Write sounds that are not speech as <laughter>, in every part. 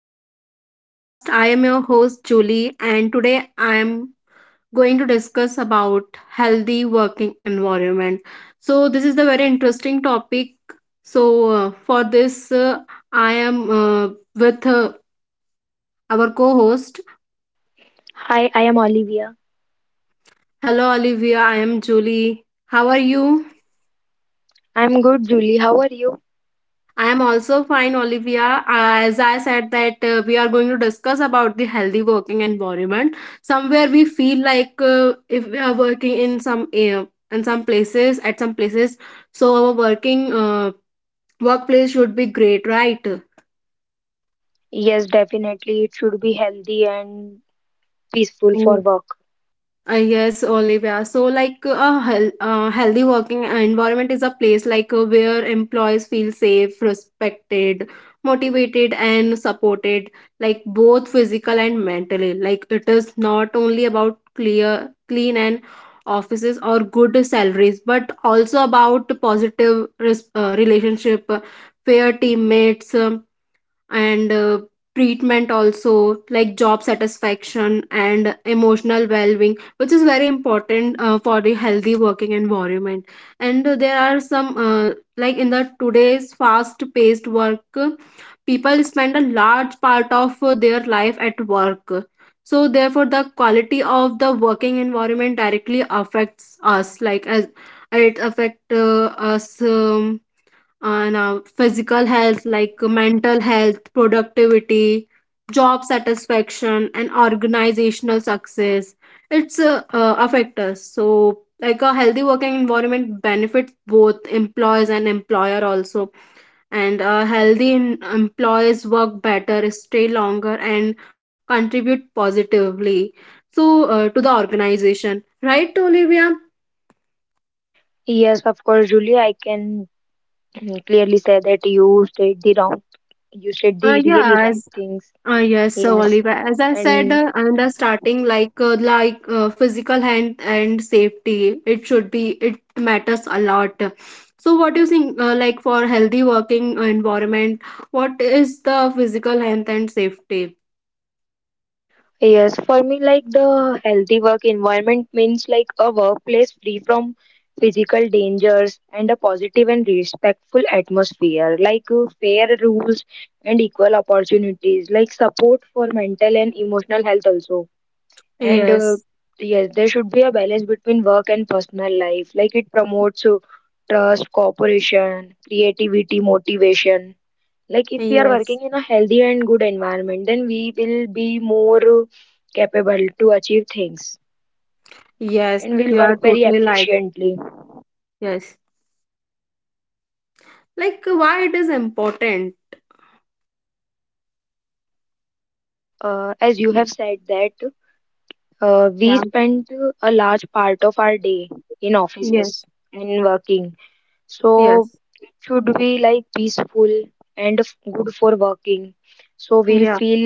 to the podcast. I am your host, Julie, and today I am going to discuss about healthy working environment. So, this is the very interesting topic. So, for this, I am with our co host. Hi, I am Olivia. Hello, Olivia. I am Julie. How are you? I'm good, Julie. How are you? I am also fine, Olivia. As I said that we are going to discuss about the healthy working environment. Somewhere we feel like if we are working in some places at some places, so our working workplace should be great, right? Yes, definitely. It should be healthy and peaceful for work. Yes, Olivia. So, like healthy working environment is a place where employees feel safe, respected, motivated, and supported, like both physical and mentally. Like it is not only about clear, clean, and offices or good salaries, but also about positive relationship, fair teammates, and treatment also, like job satisfaction and emotional well-being, which is very important for the healthy working environment. And there are some like in the today's fast-paced work, people spend a large part of their life at work. So therefore, the quality of the working environment directly affects us, like as it affect us, and physical health, like mental health, productivity, job satisfaction, and organizational success. It's affect us. So like a healthy working environment benefits both employees and employer also. And employees work better, stay longer, and contribute positively, to the organization, right, Olivia? Yes, of course, Julie. I can <clears throat> clearly say that you said the Yeah really right as things. Yes, so Yes, Oliver, as I said and in the starting, like physical health and safety, it should be, it matters a lot. So, what do you think? Like for healthy working environment, what is the physical health and safety? Yes, for me, like the healthy work environment means like a workplace free from physical dangers and a positive and respectful atmosphere, like fair rules and equal opportunities, like support for mental and emotional health also. And uh, Yes, yes, there should be a balance between work and personal life, like it promotes trust, cooperation, creativity, motivation. Like if we are yes, working in a healthy and good environment, then we will be more capable to achieve things yes. and will You are work very totally right. efficiently. Yes, like why it is important? As you have said that we Yeah. spend a large part of our day in offices Yes. and working. So Yes. it should be like peaceful and good for working. So we'll Yeah. feel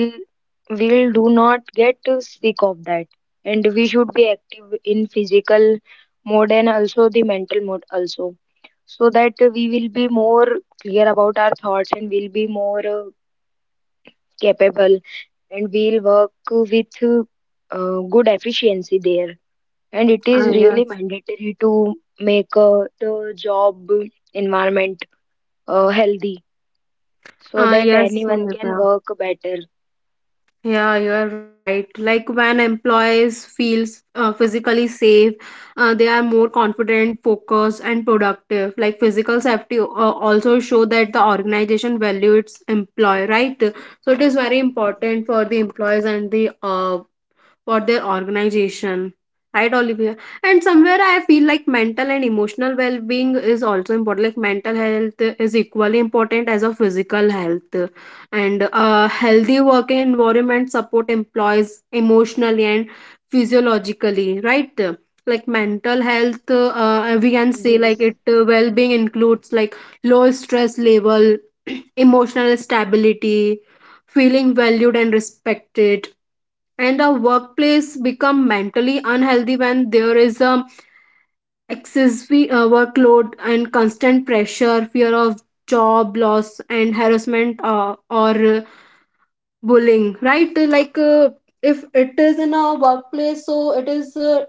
we'll do not get sick of that. And we should be active in physical mode and also the mental mode also. So that we will be more clear about our thoughts and we'll be more capable and we'll work with good efficiency there. And it is Ah, really yes. mandatory to make the job environment healthy so Ah, that yes, anyone can Olivia. work better. Yeah, you are right. Like when employees feels physically safe, they are more confident, focused, and productive. Like physical safety also show that the organization value its employee, right? So it is very important for the employees and the for their organization. Right, Olivia? And somewhere I feel like mental and emotional well being is also important. Like mental health is equally important as a physical health. And a healthy working environment support employees emotionally and physiologically, right? Like mental health, we can say like Yes. it well being includes like low stress level, <clears throat> emotional stability, feeling valued and respected. And the workplace become mentally unhealthy when there is a excessive workload and constant pressure, fear of job loss and harassment, or bullying, right? Like if it is in a workplace, so it is uh,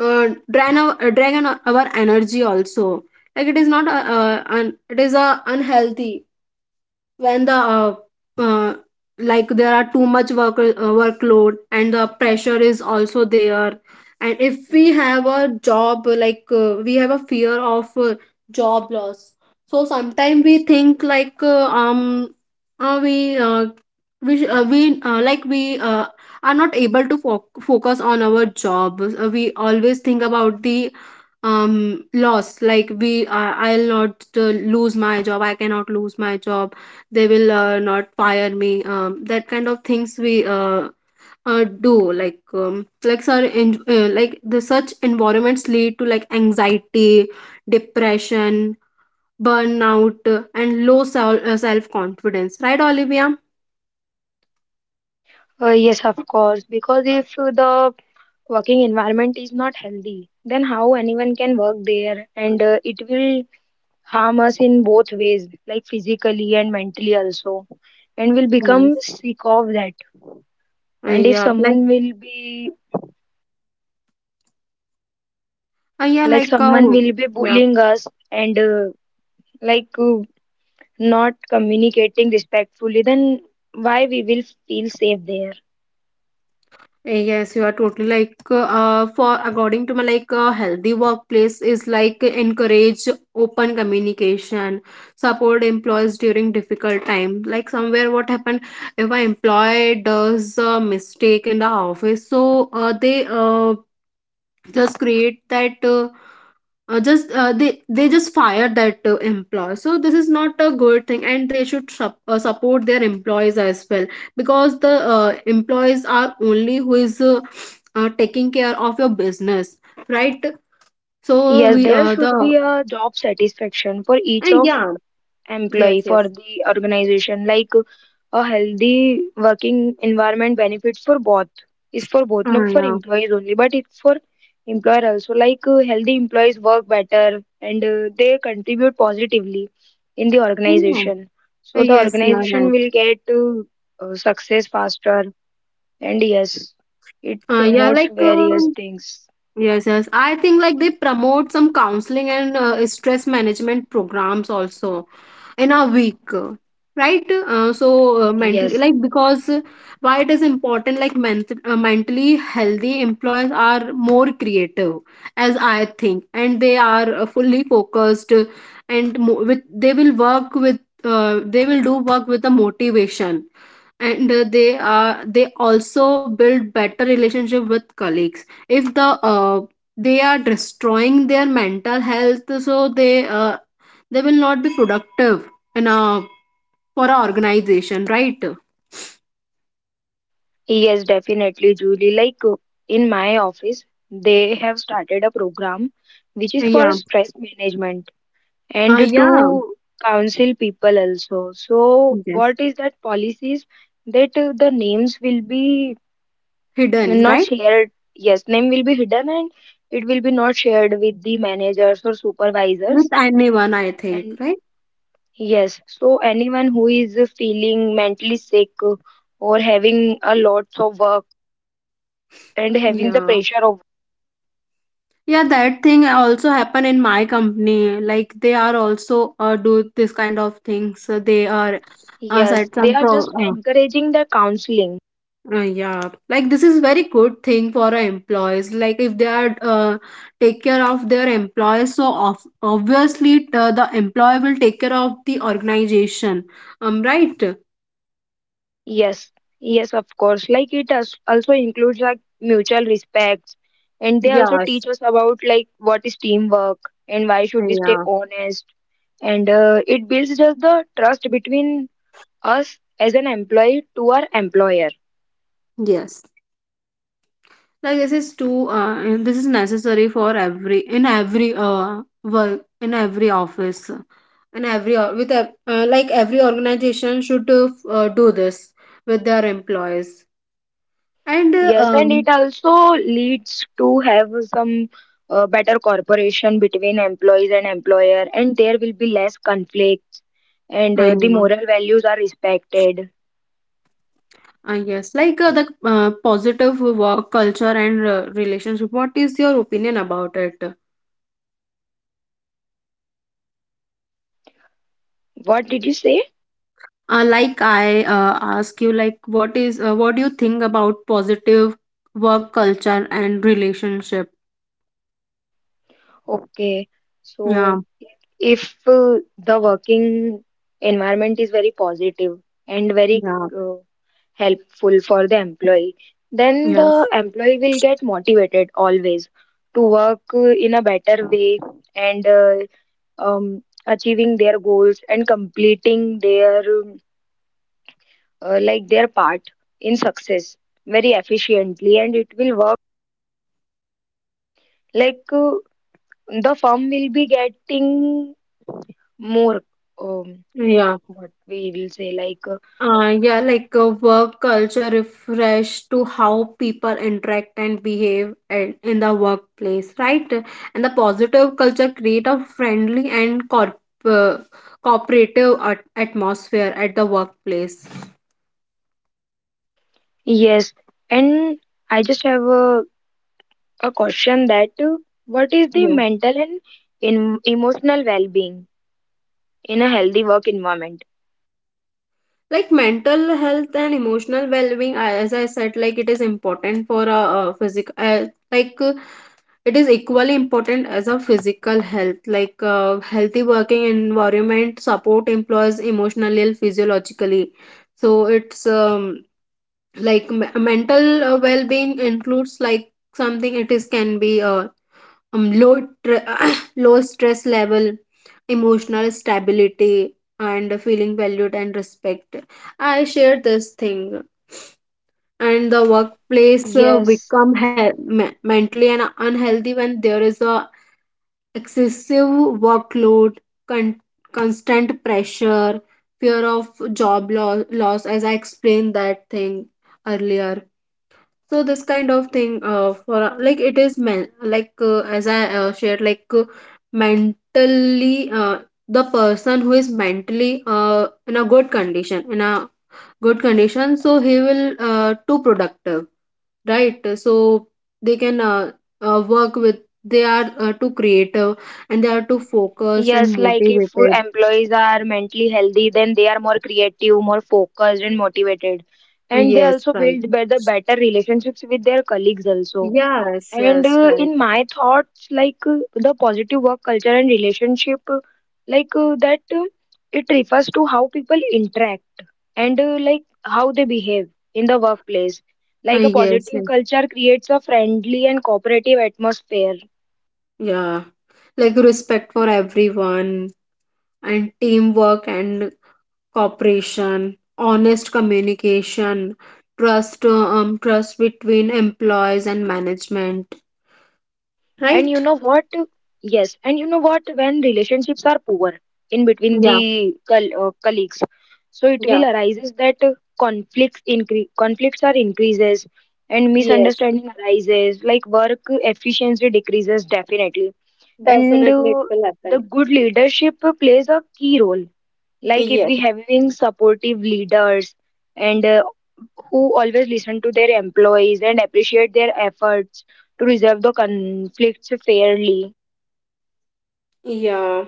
uh, drain our uh, drain our energy also. Like it is not un- It is unhealthy when the uh, like there are too much workload and the pressure is also there. And if we have a job, like we have a fear of job loss. So sometimes we think like uh, we uh, we sh- we like we are not able to focus on our job. We always think about the loss. Like we uh, I'll not lose my job, I cannot lose my job, they will not fire me, that kind of things we do. Like um, like sir in, uh, like the such environments lead to like anxiety, depression, burnout, and low self confidence, right, Olivia? Yes, of course, because if the working environment is not healthy, then how anyone can work there, and it will harm us in both ways, like physically and mentally also, and will become Yes. sick of that. Uh, And if yeah like someone will be uh, yeah like like someone uh, will be yeah. bullying us and like not communicating respectfully, then why we will feel safe there? Yes, you are totally for according to me, like a healthy workplace is like encourage open communication, support employees during difficult time. Like somewhere, what happened if an employee does a mistake in the office? So they just create that. Just They just fire that employee. So this is not a good thing and they should support their employees as well, because the employees are only who is taking care of your business, right? So Yes, we there the should be a job satisfaction for each of yeah yes, employee for yes, the organization. Like a healthy working environment benefits for both. Is for both, not for yeah, employees only, but it's for employer also. Like healthy employees work better, and they contribute positively in the yeah. organization. So the yes, you are organization right. will get success faster. And yes, it uh, yeah promotes like uh, various things. Yes, yes. I think like they promote some counseling and stress management programs also in a week, right? Mentally, Yes. like because why it is important, like mentally healthy employees are more creative, as I think, and they are fully focused, and mo- with they will work with they will do work with the motivation. And they also build better relationship with colleagues. If the they are destroying their mental health, so they will not be productive in a for a organization, right? Yes, definitely, Julie. Like in my office, they have started a program which is for Yeah, stress management and yeah, to counsel people also. So, yes, what is that policies that the names will be hidden not right, shared? Yes, name will be hidden and it will be not shared with the managers or supervisors. with anyone I think And right, yes, so anyone who is feeling mentally sick or having a lot of work and having the yeah, pressure. yeah, that thing also happen in my company, like they are also do this kind of things. So they are Yes, set they some are pro just encouraging the counseling. uh, yeah, like this is very good thing for our employees. Like if they are take care of their employees, so obviously the employee will take care of the organization. Right? Yes, yes, of course. Like it also includes like mutual respect, and they also Yes, teach us about like what is teamwork and why should we stay yeah. honest. And it builds just the trust between us as an employee to our employer. Yes. Like this is too. And this is necessary for every, in every work, in every office, in every like every organization should do this with their employees. And Yes, and it also leads to have some better cooperation between employees and employer, and there will be less conflict, and I the know. moral values are respected. Yes, like the positive work culture and relationship. What is your opinion about it? What did you say? Like I ask you, like what do you think about positive work culture and relationship? Okay, so Yeah, if the working environment is very positive and very yeah, uh, helpful for the employee, then yes, the employee will get motivated always to work in a better way, and achieving their goals and completing their like their part in success very efficiently, and it will work like the firm will be getting more, um, yeah. what we will say, like, Yeah, like work culture refresh to how people interact and behave in the workplace, right? And the positive culture create a friendly and uh, cooperative atmosphere at the workplace. yes, and I just have a question that what is the Yeah. mental and emotional well-being in a healthy work environment? Like mental health and emotional well-being, as I said, like it is important for a, physical. It is equally important as a physical health. Like healthy working environment support employees emotionally and physiologically. So mental well-being includes like something. It is can be low tr- <coughs> low stress level, emotional stability, and feeling valued and respect. I share this thing. And the workplace Yes, mentally and unhealthy when there is a excessive workload, con- constant pressure, fear of job loss, as I explained that thing earlier. So this kind of thing, for like it is men like as I shared, like mentally, the person who is mentally in a good condition, in a good condition, so he will too productive, right? So they can work with, they are too creative, and they are too focused yes. and Like if motivated. employees are mentally healthy, then they are more creative, more focused, and motivated, and they yes, also right, build better relationships with their colleagues also. yes, And yes, uh, in right. my thoughts, like the positive work culture and relationship, like that it refers to how people interact and like how they behave in the workplace. Like a yes, positive yes, culture creates a friendly and cooperative atmosphere. yeah, like respect for everyone, and teamwork and cooperation, honest communication, trust, trust between employees and management, And you right, know what? Yes, and you know what? When relationships are poor in between yeah, the colleagues, so it will yeah, arises that conflicts are increases and yes, misunderstanding arises. Like work efficiency decreases definitely, and definitely it will happen, the good leadership plays a key role, like if yes, we having supportive leaders and who always listen to their employees and appreciate their efforts to resolve the conflicts fairly. yeah.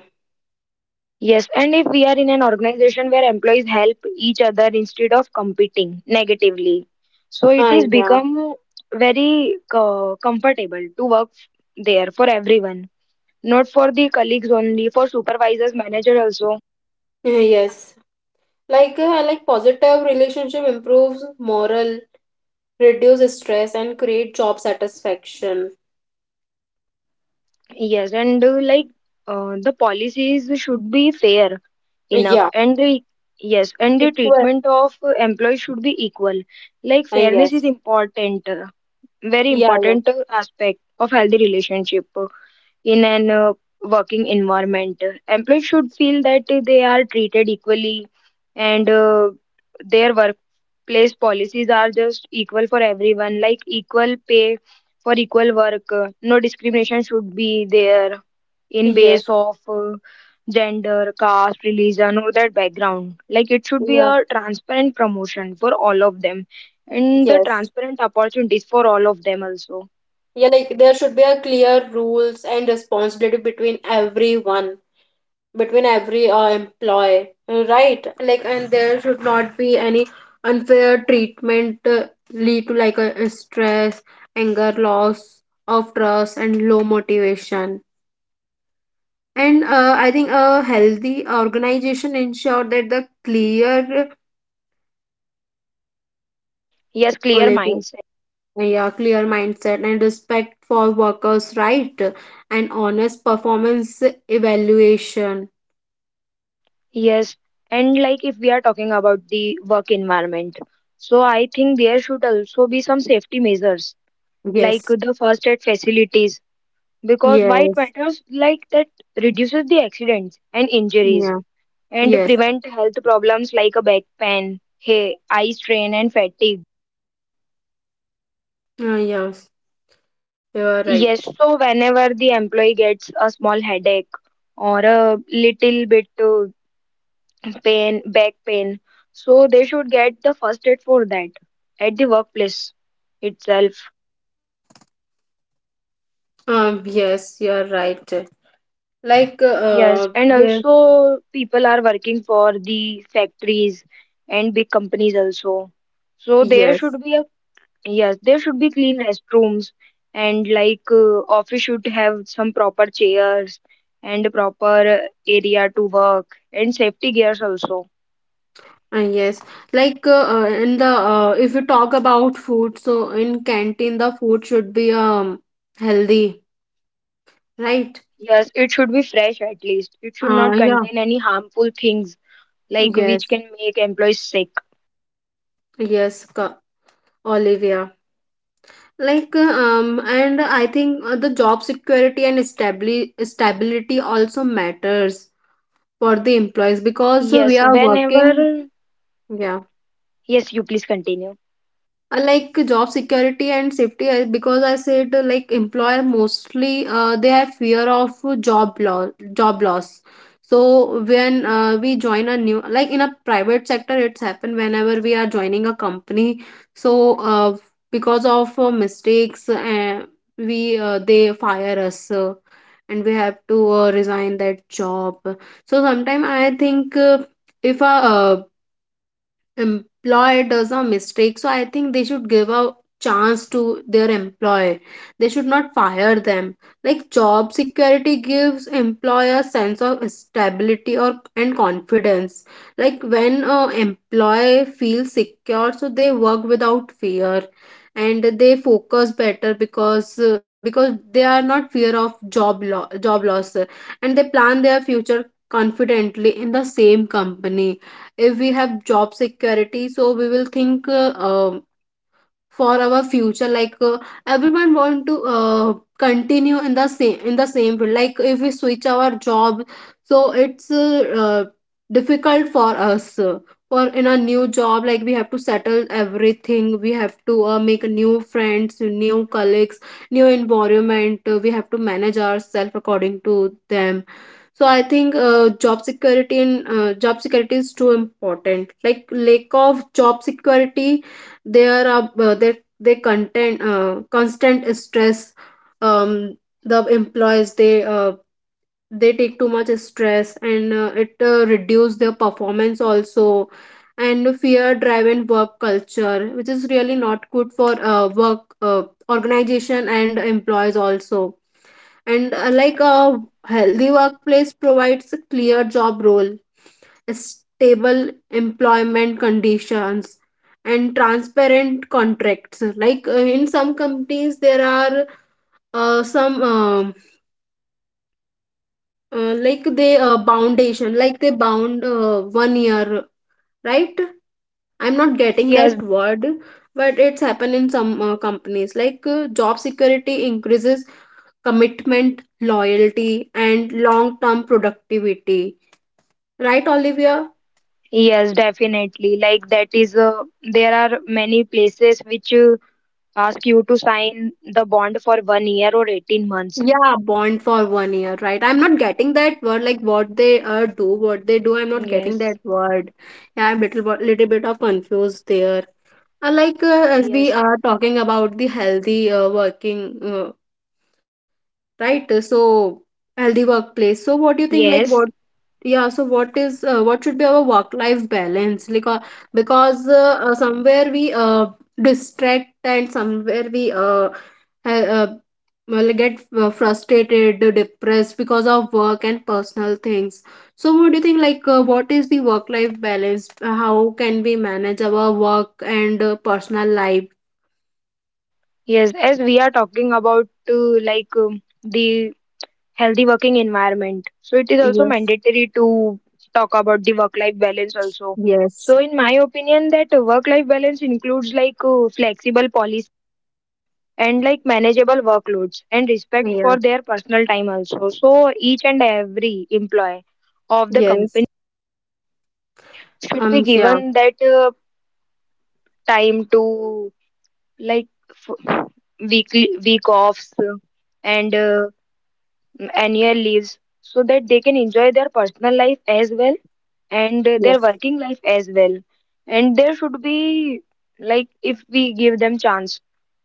Yes, and if we are in an organization where employees help each other instead of competing negatively, so it Ah, is yeah. become very comfortable to work there for everyone, not for the colleagues only, for supervisors, manager also. Yeah, <laughs> yes. Like positive relationship improves moral, reduces stress, and create job satisfaction. Yes, and like the policies should be fair enough, Yeah. and the, yes, and the Equal. treatment of employees should be equal, like fairness is Yes. important, very Yeah. Yeah. important aspect of healthy relationship in an working environment. Employees should feel that they are treated equally, and their workplace policies are just equal for everyone, like equal pay for equal work, no discrimination should be there in base Yes. of gender, caste, religion, or their background. Like it should be Yeah. a transparent promotion for all of them and the Yes. transparent opportunities for all of them also. Yeah. Like there should be a clear rules and responsibility between everyone, between every employee, right? Like, and there should not be any unfair treatment, lead to like a stress, anger, loss of trust, and low motivation. And I think a healthy organization ensure that the clear, Yes, well, clear like, mindset. Yeah, clear mindset and respect for workers, right? And honest performance evaluation, Yes, and like if we are talking about the work environment, so I think there should also be some safety measures like yes, the first aid facilities, because why it yes, matters like that reduces the accidents and injuries yeah, and yes, prevent health problems like a back pain, hey, eye strain, and fatigue. Yes, you are right. Yes, so whenever the employee gets a small headache or a little bit pain, back pain, so they should get the first aid for that at the workplace itself. Yes, you are right. Like, Yes, and yes, also people are working for the factories and big companies also. So there yes, should be a. Yes, there should be clean restrooms, and like office should have some proper chairs and a proper area to work and safety gears also. and yes, like, in the if you talk about food, so in canteen, the food should be healthy, right? Yes, it should be fresh at least. It should not Yeah, contain any harmful things like which yes, can make employees sick. yes, Olivia. Like, and I think the job security and stabli stability also matters for the employees, because we Yes, are working. whenever Yeah. yes, you please continue. Like job security and safety I, because I said, like employer mostly, they have fear of job loss. So when we join a new, like in a private sector, it's happened whenever we are joining a company. So because of mistakes, we they fire us, and we have to resign that job. So sometimes I think if a employer does a mistake, so I think they should give a chance to their employee. They should not fire them. Like, job security gives employer sense of stability or and confidence. Like when a employee feels secure, so they work without fear and they focus better, because they are not fear of job loss, and they plan their future confidently in the same company. If we have job security, so we will think, for our future, like, everyone want to continue in the same field. Like if we switch our job, so it's difficult for us, for in a new job. Like we have to settle everything, we have to make new friends, new colleagues, new environment. We have to manage ourselves according to them. So I think job security, and job security is too important. Like lack of job security, there are that they content, constant stress. um, the employees, they take too much stress, and it reduce their performance also, and fear driven work culture which is really not good for work, organization and employees also. And like a healthy workplace provides a clear job role, stable employment conditions, and transparent contracts. Like in some companies there are some, like they boundation, like they bound, 1 year, right? I'm not getting Yes, that word. But it's happened in some companies. Like job security increases commitment, loyalty, and long term productivity. Right, Olivia? yes, definitely. Like that is, there are many places which ask you to sign the bond for one year or 18 months. Yeah, bond for 1 year, right? I'm not getting that word. Like what they do, what they do, I'm not getting Yes. that word. Yeah, I'm little bit of confused there. Like, as we Yes, are talking about the healthy, working, right? So, healthy workplace. So what do you think? Like yes, what? Yeah. So what should be our work life balance? Like, because somewhere we distract, and somewhere we ha- uh well, get frustrated, depressed because of work and personal things. So what do you think? Like what is the work life balance? How can we manage our work and personal life? yes. As we are talking about like the healthy working environment, so it is also Yes, mandatory to talk about the work-life balance also. yes, So, in my opinion, that work-life balance includes like flexible policies and like manageable workloads and respect for yes, their personal time also. So, each and every employee of the yes. company should be Yeah, given that time to like weekly week offs, and annual leaves, so that they can enjoy their personal life as well and their yes, working life as well, and there should be, like if we give them chance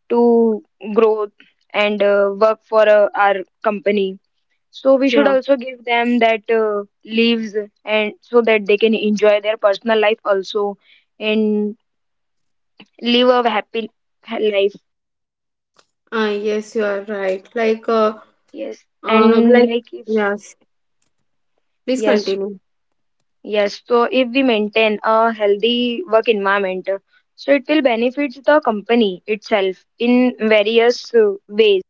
to grow and work for our company, so we should yeah. also give them that leaves, and so that they can enjoy their personal life also and live a happy life. Yes, you are right. Yes, and Like, like if, yes. Please yes, continue. yes. So if we maintain a healthy work environment, so it will benefit the company itself in various ways.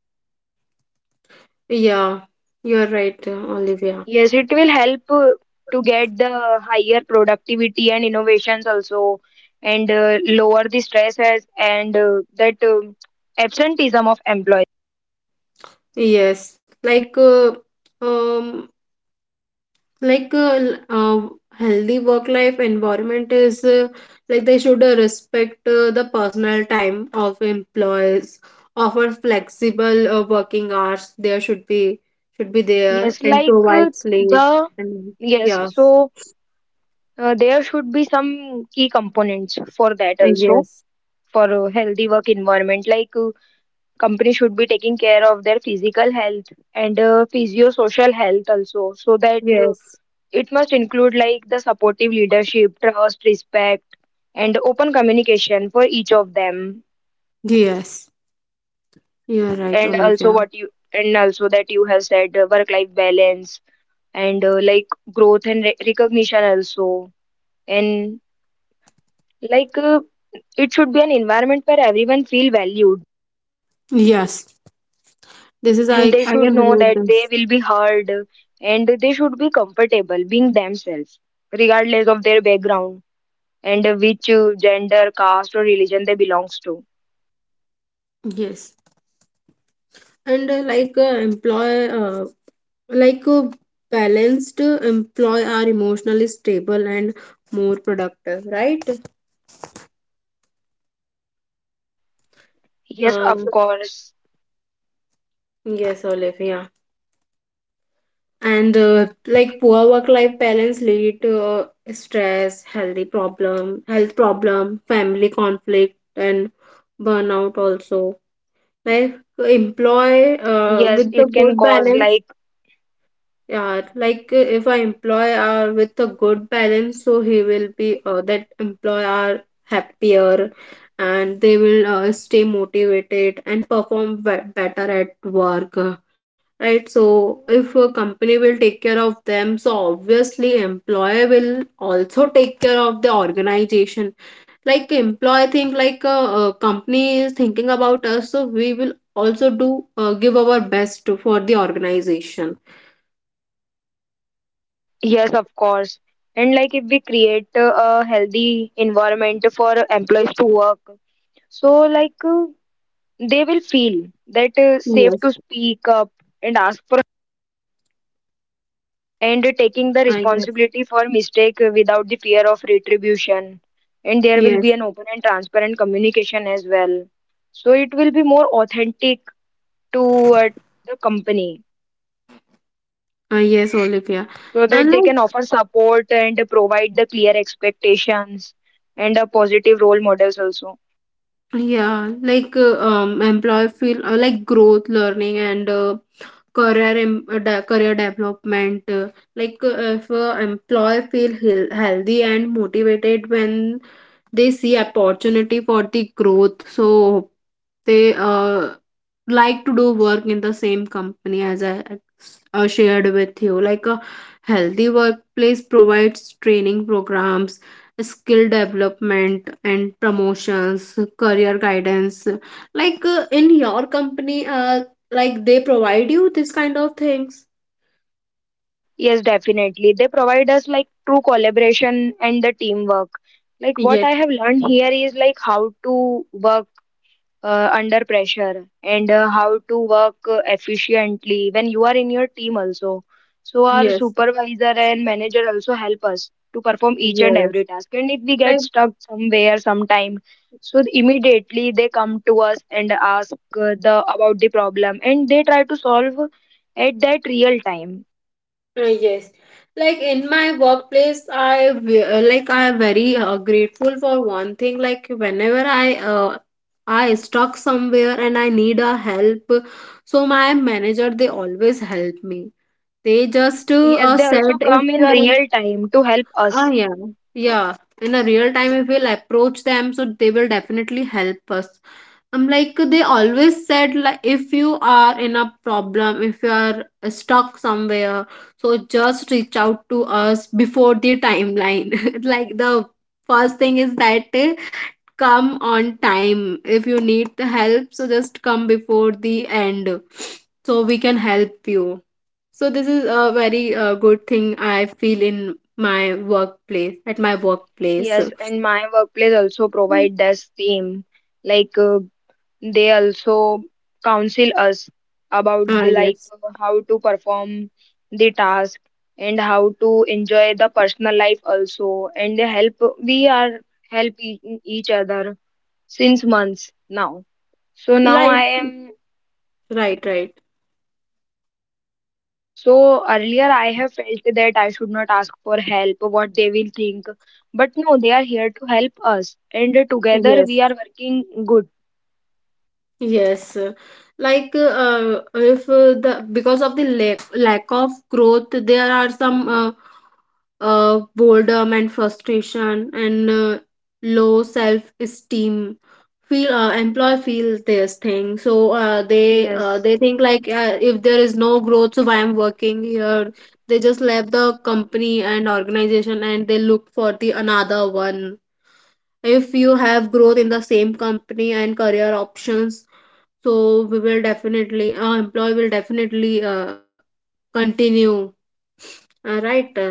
Yeah, you are right, Olivia. Yes, it will help to get the higher productivity and innovations also, and lower the stresses and that absenteeism of employees. Yes, um, like healthy work life environment is, like they should respect the personal time of employees, offer flexible working hours, there should be there, Yes, and like provide sleep the, and yes. yes, So there should be some key components for that also yes, for a healthy work environment. Like companies should be taking care of their physical health and physio-social health also, so that yes. it must include like the supportive leadership, trust, respect, and open communication for each of them. Yes, you're Yes, right, and also Olivia. what you, and also that you have said, work-life balance and like growth and recognition also, and like it should be an environment where everyone feel valued, Yes, this is I. and they I should can know relate that they this. will be heard, and they should be comfortable being themselves, regardless of their background and which gender, caste, or religion they belongs to. Yes, and like employer, like a balanced employee are emotionally stable and more productive, right? Yes, Um, of course. yes, Olive, yeah. And like poor work life balance lead to stress, health problem, family conflict, and burnout also, like employ Yes, with the it can good cause balance. like. Yeah, like, if I employ are with a good balance, so he will be, that employer happier, and they will stay motivated and perform better at work. Right. So if a company will take care of them, so obviously employer will also take care of the organization. Like employee, think like a company is thinking about us, so we will also do, give our best for the organization. Mm, yes, of course. And like if we create a healthy environment for employees to work, so like they will feel that safe Yes. to speak up and ask and taking the Ah, yes, responsibility for mistake without the fear of retribution, and there will be yes, an open and transparent communication as well, so it will be more authentic to the company, ah, yes, Olivia. so that And they can like, offer support and provide the clear expectations and positive role models also. yeah, like, employee feel, like growth, learning, and career em de career development, like, if employee feel healthy and motivated when they see opportunity for the growth, so they like to do work in the same company, as I shared with you. Like a healthy workplace provides training programs, skill development, and promotions, career guidance. Like, in your company, like they provide you this kind of things. Yes, definitely they provide us like true collaboration and the teamwork. Like what Yes, I have learned here is like how to work under pressure and how to work efficiently when you are in your team also. So our yes, supervisor and manager also help us to perform each and every yes. task. And if we get Like, stuck somewhere sometime, so immediately they come to us and ask the about the problem, and they try to solve at that real time. Yes, like in my workplace like I am very grateful for one thing. Like whenever I stuck somewhere and I need a help, so my manager they always help me. They just Yes, they also said if come you in are. real time to help Ah, us. yeah, yeah. In a real time, if we'll approach them, so they will definitely help us. I'm like they always said, like if you are in a problem, if you are stuck somewhere, so just reach out to us before the timeline. <laughs> Like the first thing is that come on time. If you need the help, so just come before the end so we can help you. So this is a very good thing I feel in my workplace at my workplace. Yes, and my workplace also provide the same, like they also counsel us about Ah, the, like yes, how to perform the task and how to enjoy the personal life also, and they help, we are help each other since months now, so now life. I am, Right, right, so earlier I have felt that I should not ask for help, what they will think. But no, they are here to help us, and together yes. we are working good. Yes, like, if the because of the lack of growth, there are some boredom and frustration and low self esteem. Feel Employee feel this thing, so Yes. they think like, if there is no growth, so why I'm working here? They just left the company and organization, and they look for the another one. If you have growth in the same company and career options, so we will definitely, our employee will definitely continue, right?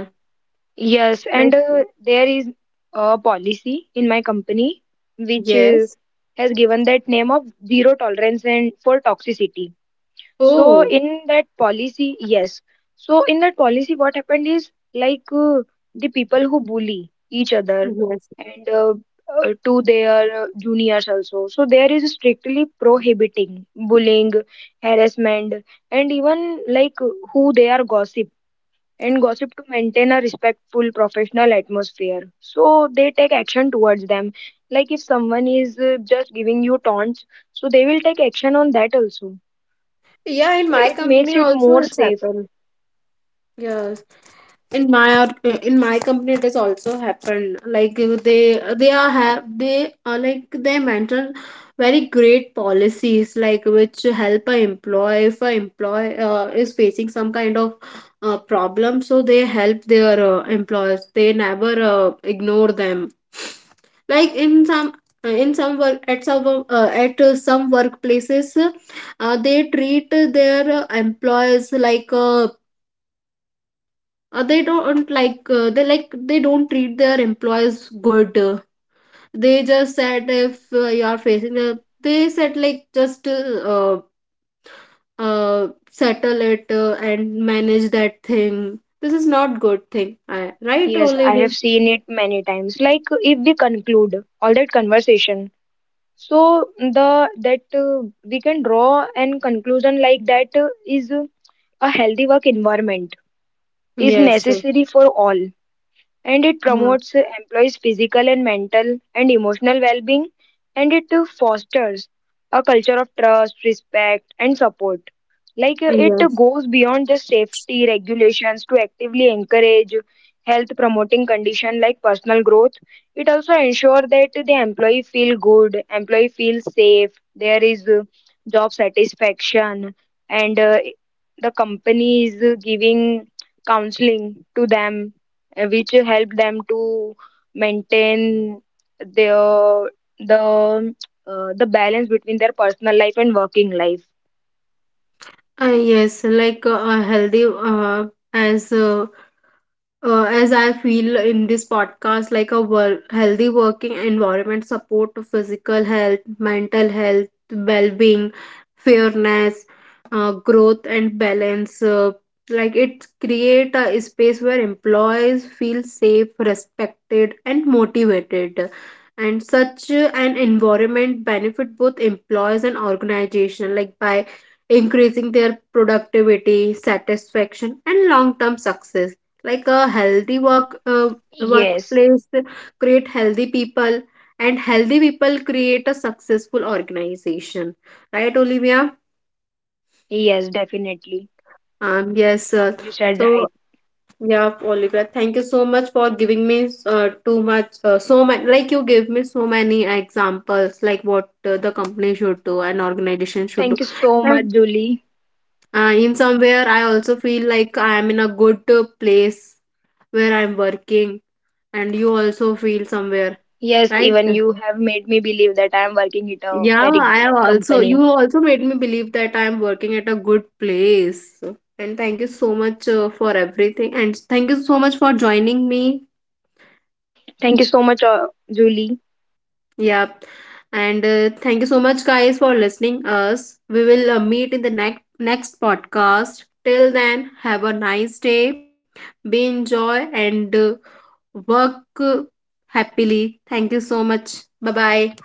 Yes, Like, and there is a policy in my company which yes. has given that name of zero tolerance and for toxicity. So Oh, in that policy, yes. So in that policy, what happened is like the people who bully each other yes. and to their juniors also. So there is strictly prohibiting bullying, harassment, and even like who they are gossip and gossip to maintain a respectful professional atmosphere, so they take action towards them, like if someone is just giving you taunts, so they will take action on that also, Yeah, in so my it company makes it also more it's safe. happened. Yeah, in in my company it has also happened. Like, they are have they are like they mention very great policies like which help a employee if a employee is facing some kind of problem, so they help their employers, they never ignore them. Like in some, in some work at at some workplaces, they treat their employees like, they don't like, they don't treat their employees good. They just said if you are facing a, they said like just uh, settle it and manage that thing. This is not good thing I, right Yes, I Oliver? have seen it many times. Like if we conclude all that conversation, so the that we can draw an conclusion like that is a healthy work environment is Yes, necessary for all, and it promotes employees' physical and mental and emotional well being, and it fosters a culture of trust, respect, and support. Like it yes, goes beyond just safety regulations to actively encourage health promoting condition like personal growth. It also ensure that the employee feel good, employee feel safe, there is job satisfaction, and the company is giving counseling to them, which help them to maintain their the the balance between their personal life and working life. Yes, like, a healthy, uh, as uh, as I feel in this podcast, like a healthy working environment support to physical health, mental health, well-being, fairness, growth, and balance. Like it create a space where employees feel safe, respected, and motivated. And such an environment benefit both employees and organization, like by increasing their productivity, satisfaction, and long-term success. Like a healthy Yes. workplace create healthy people, and healthy people create a successful organization. Right, Olivia? Yes, definitely. Yes, You said so, right. yeah, Olivia, thank you so much for giving me too much so much. Like you gave me so many examples like what the company should do and organization should do. Thank you so much, And Julie. In somewhere I also feel like I am in a good place where I'm working, and you also feel somewhere. Yes, Right. even you have made me believe that I am working at a Yeah, very I good have also, company. you also made me believe that I am working at a good place. And thank you so much for everything. And thank you so much for joining me. Thank you so much, Julie. Yeah. And thank you so much, guys, for listening us. We will meet in the next podcast. Till then, have a nice day. Be enjoy and work, uh, happily. Thank you so much. Bye bye.